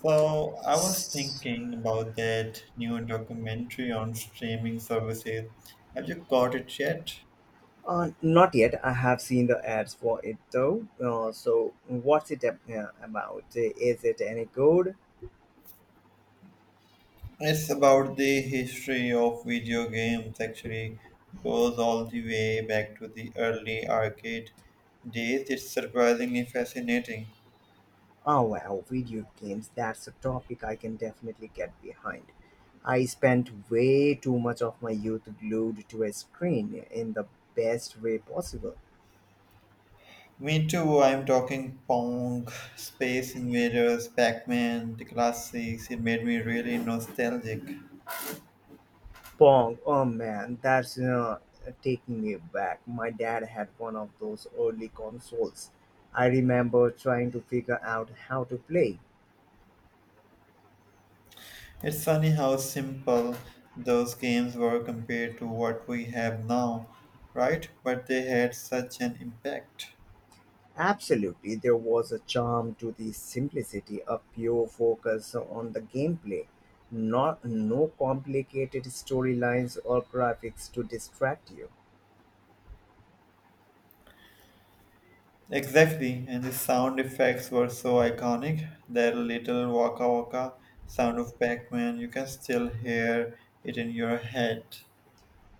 So I was thinking about that new documentary on streaming services. Have you got it yet? Not yet. I have seen the ads for it though. What's it about? Is it any good? It's about the history of video games, actually goes all the way back to the early arcade days. It's surprisingly fascinating. Oh, wow, video games. That's a topic I can definitely get behind. I spent way too much of my youth glued to a screen in the best way possible. Me too, I'm talking Pong, Space Invaders, Pac-Man, the classics. It made me really nostalgic. Pong, oh man, that's taking me back. My dad had one of those early consoles. I remember trying to figure out how to play. It's funny how simple those games were compared to what we have now, right? But they had such an impact. Absolutely, there was a charm to the simplicity, a pure focus on the gameplay. Not no complicated storylines or graphics to distract you. Exactly, and the sound effects were so iconic. That little waka waka sound of Pac Man, you can still hear it in your head.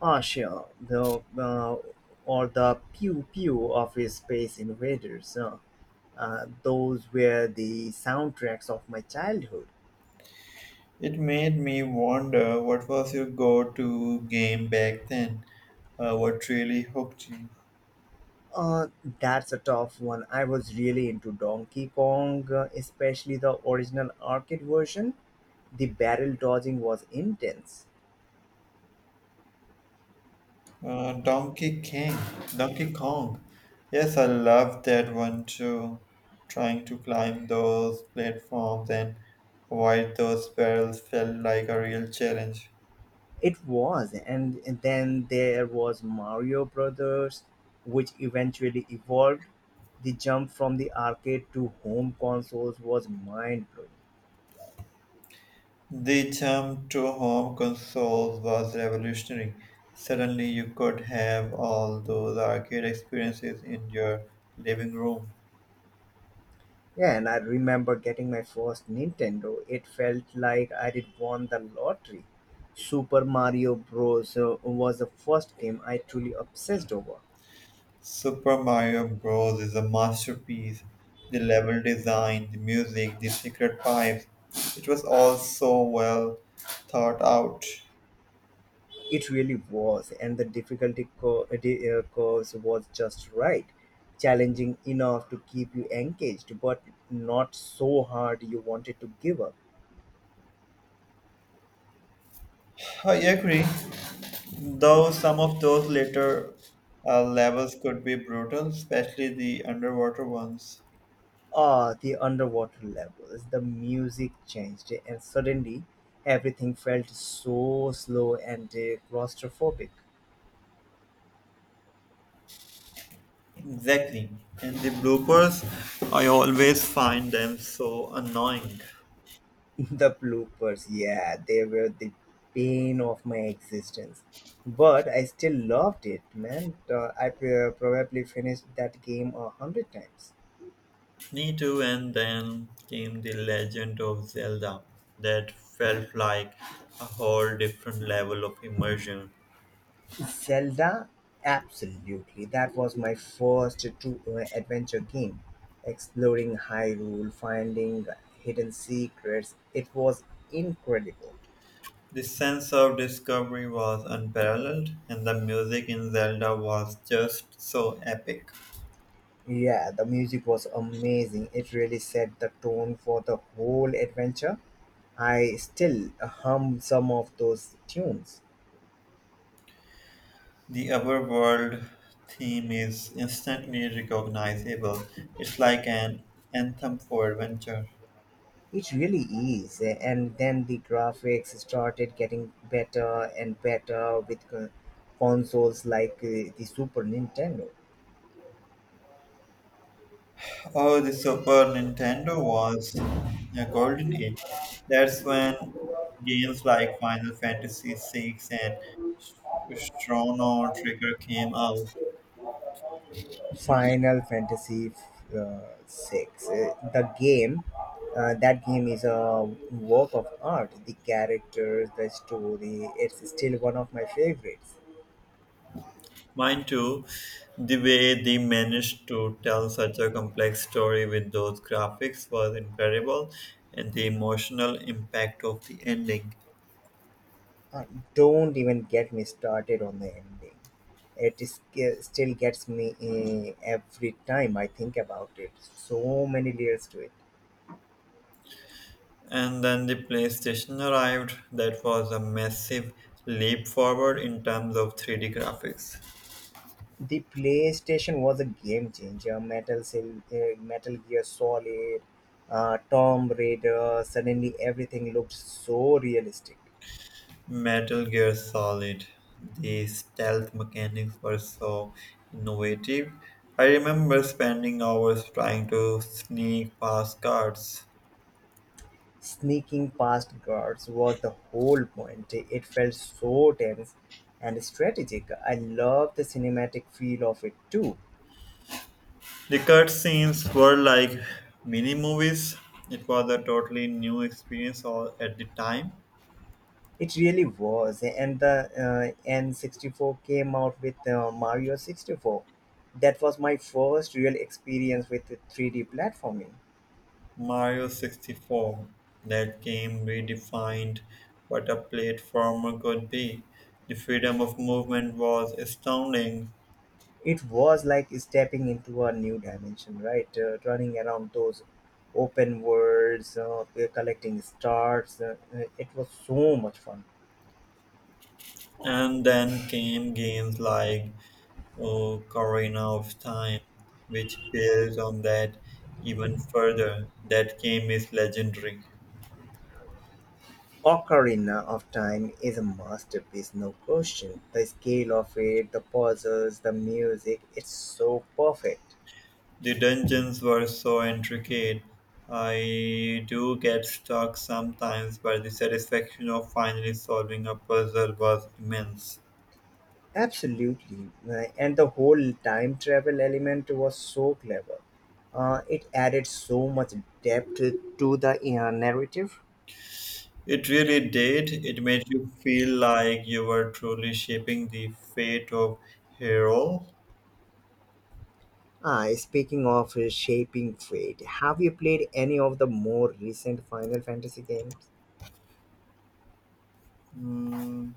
Ah, sure, the or the pew pew of his Space Invaders. Those were the soundtracks of my childhood. It made me wonder, what was your go to game back then? What really hooked you? Uh, that's a tough one. I was really into Donkey Kong, especially the original arcade version. The barrel dodging was intense. Donkey King, Donkey Kong. Yes, I love that one too. Trying to climb those platforms and avoid those barrels felt like a real challenge. It was, and then there was Mario Brothers, which eventually evolved. The jump from the arcade to home consoles was mind blowing. The jump to home consoles was revolutionary. Suddenly, you could have all those arcade experiences in your living room. Yeah, and I remember getting my first Nintendo. It felt like I had won the lottery. Super Mario Bros. Was the first game I truly obsessed over. Super Mario Bros. Is a masterpiece. The level design, the music, the secret pipes, it was all so well thought out. It really was, and the curves was just right, challenging enough to keep you engaged, but not so hard you wanted to give up. I agree, though some of those later levels could be brutal, especially the underwater ones. Ah, the underwater levels, the music changed, and suddenly everything felt so slow and claustrophobic. Exactly. And the bloopers, I always find them so annoying. The bloopers, yeah, they were the pain of my existence. But I still loved it, man. I probably finished that game 100 times. Me too, and then came The Legend of Zelda. That felt like a whole different level of immersion. Zelda? Absolutely. That was my first true adventure game. Exploring Hyrule, finding hidden secrets, it was incredible. The sense of discovery was unparalleled, and the music in Zelda was just so epic. Yeah, the music was amazing. It really set the tone for the whole adventure. I still hum some of those tunes. The overworld theme is instantly recognizable, it's like an anthem for adventure. It really is. And then the graphics started getting better and better with consoles like the Super Nintendo. Oh, the Super Nintendo was a golden age. That's when games like Final Fantasy VI and Chrono Trigger came out. Final Fantasy uh, 6. Uh, that game is a work of art. The characters, the story, it's still one of my favorites. Mine too. The way they managed to tell such a complex story with those graphics was incredible, and the emotional impact of the ending. Uh, don't even get me started on the ending. It still gets me every time I think about it. So many layers to it. And then the PlayStation arrived. That was a massive leap forward in terms of 3D graphics. The PlayStation was a game changer. Metal Gear Solid, Tomb Raider. Suddenly everything looked so realistic. Metal Gear Solid. The stealth mechanics were so innovative. I remember spending hours trying to sneak past guards. Sneaking past guards was the whole point. It felt so tense and strategic. I love the cinematic feel of it too. The cutscenes were like mini movies. It was a totally new experience all at the time. It really was, and the N64 came out with Mario 64. That was my first real experience with the 3D platforming. Mario 64. That game redefined what a platformer could be. The freedom of movement was astounding. It was like stepping into a new dimension, right? Running around those open worlds, collecting stars. It was so much fun. And then came games like, oh, Corina of Time, which builds on that even further. That game is legendary. Ocarina of Time is a masterpiece, no question. The scale of it, the puzzles, the music, it's so perfect. The dungeons were so intricate. I do get stuck sometimes, but the satisfaction of finally solving a puzzle was immense. Absolutely. And the whole time travel element was so clever. It added so much depth to the narrative. It really did. It made you feel like you were truly shaping the fate of Hero. Ah, speaking of shaping fate, have you played any of the more recent Final Fantasy games? Mm,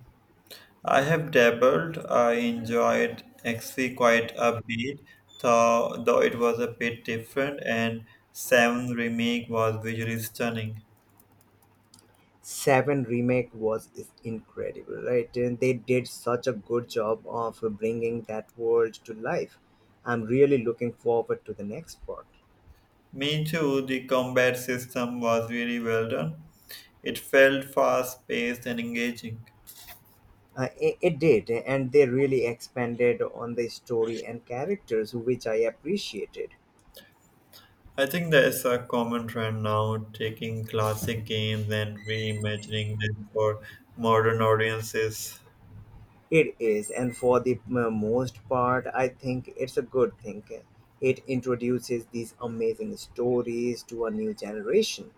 I have dabbled. I enjoyed XP quite a bit, though it was a bit different, and 7 remake was visually stunning. Seven remake was is incredible, right? And they did such a good job of bringing that world to life. I'm really looking forward to the next part. Me too, the combat system was really well done. It felt fast paced and engaging. It did, and they really expanded on the story and characters, which I appreciated. I think there is a common trend now taking classic games and reimagining them for modern audiences. It is, and for the most part, I think it's a good thing. It introduces these amazing stories to a new generation.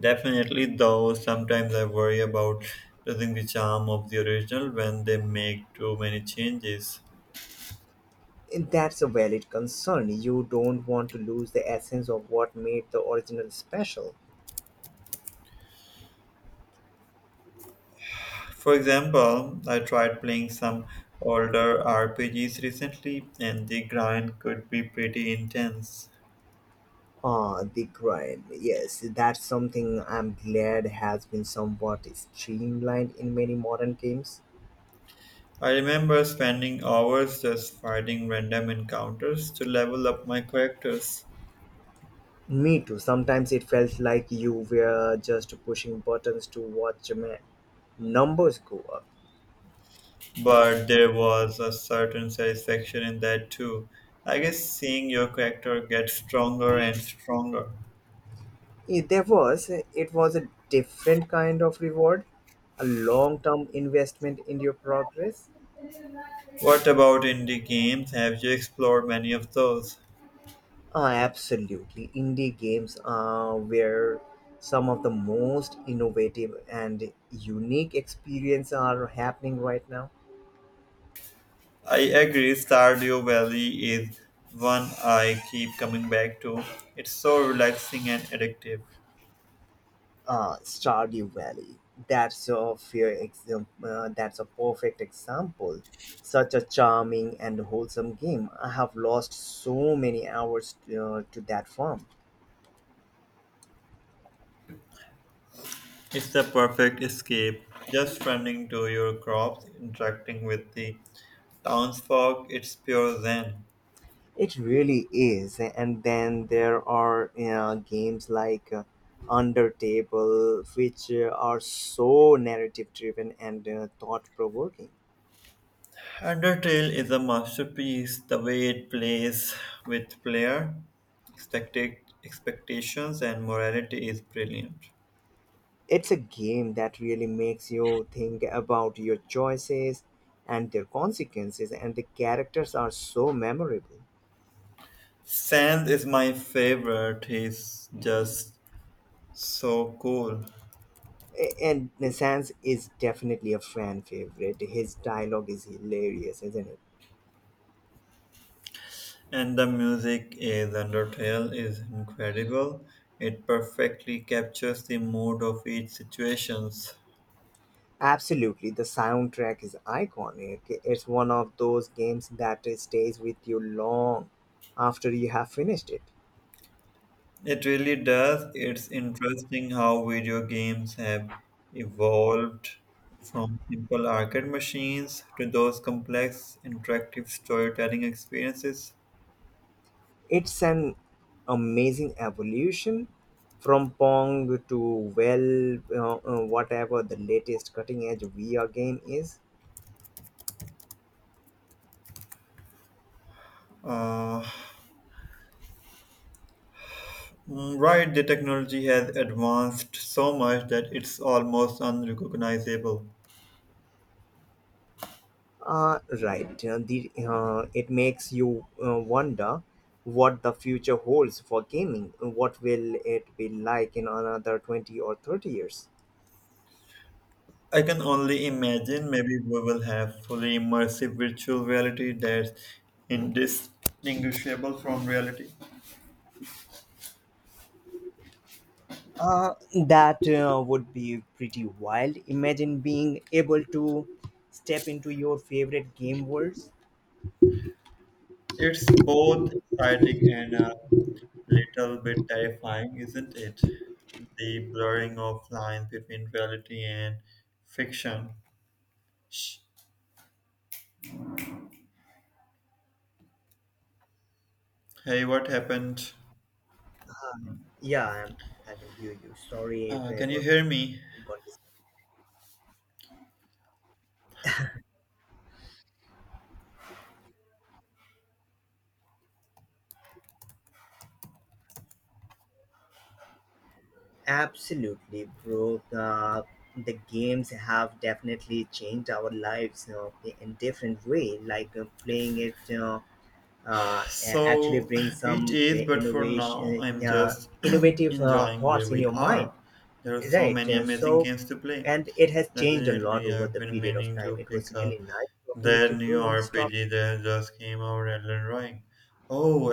Definitely, though sometimes I worry about losing the charm of the original when they make too many changes. And that's a valid concern. You don't want to lose the essence of what made the original special. For example, I tried playing some older RPGs recently, and the grind could be pretty intense. Ah, the grind. Yes, that's something I'm glad has been somewhat streamlined in many modern games. I remember spending hours just fighting random encounters to level up my characters, Me too. Sometimes it felt like you were just pushing buttons to watch numbers go up. but there was a certain satisfaction in that too. I guess seeing your character get stronger and stronger. If there was, it was a different kind of reward, a long term investment in your progress. What about indie games? Have you explored many of those? Ah, absolutely. Indie games are where some of the most innovative and unique experiences are happening right now. I agree, Stardew Valley is one I keep coming back to. It's so relaxing and addictive. Stardew Valley. That's that's a perfect example. Such a charming and wholesome game. I have lost so many hours to that farm. It's the perfect escape. Just running to your crops, interacting with the townsfolk, it's pure zen. It really is. And then there are games like Undertable, which are so narrative driven and thought provoking. Undertale is a masterpiece. The way it plays with player expected expectations and morality is brilliant. It's a game that really makes you think about your choices and their consequences, and the characters are so memorable. Sand is my favorite. He's just so cool. And Sans is definitely a fan favorite. His dialogue is hilarious, isn't it? And the music is Undertale is incredible. It perfectly captures the mood of each situations. Absolutely. The soundtrack is iconic. It's one of those games that stays with you long after you have finished it. It really does. It's interesting how video games have evolved from simple arcade machines to those complex interactive storytelling experiences. It's an amazing evolution from Pong to well, whatever the latest cutting edge VR game is. Uh, Right, the technology has advanced so much that it's almost unrecognizable. It makes you wonder what the future holds for gaming. What will it be like in another 20 or 30 years? I can only imagine maybe we will have fully immersive virtual reality that's indistinguishable from reality. Uh, that would be pretty wild. Imagine being able to step into your favorite game worlds. It's both exciting and a little bit terrifying, isn't it? The blurring of lines between reality and fiction. Hey, what happened? Yeah, I'm, I can hear you. Sorry if Can it you was. hear me? Absolutely, bro. The games have definitely changed our lives in different way. Like playing it actually So brings it some is, but for now, innovation, I'm just innovative enjoying where thoughts in we your mind, are. There are so right? many amazing games to play. And it has changed a lot Definitely, over I've the been period of meaning time. to It was pick up really nice talking with that you, new bro, on this RPG topic. that just came out, Elden Ring. Oh,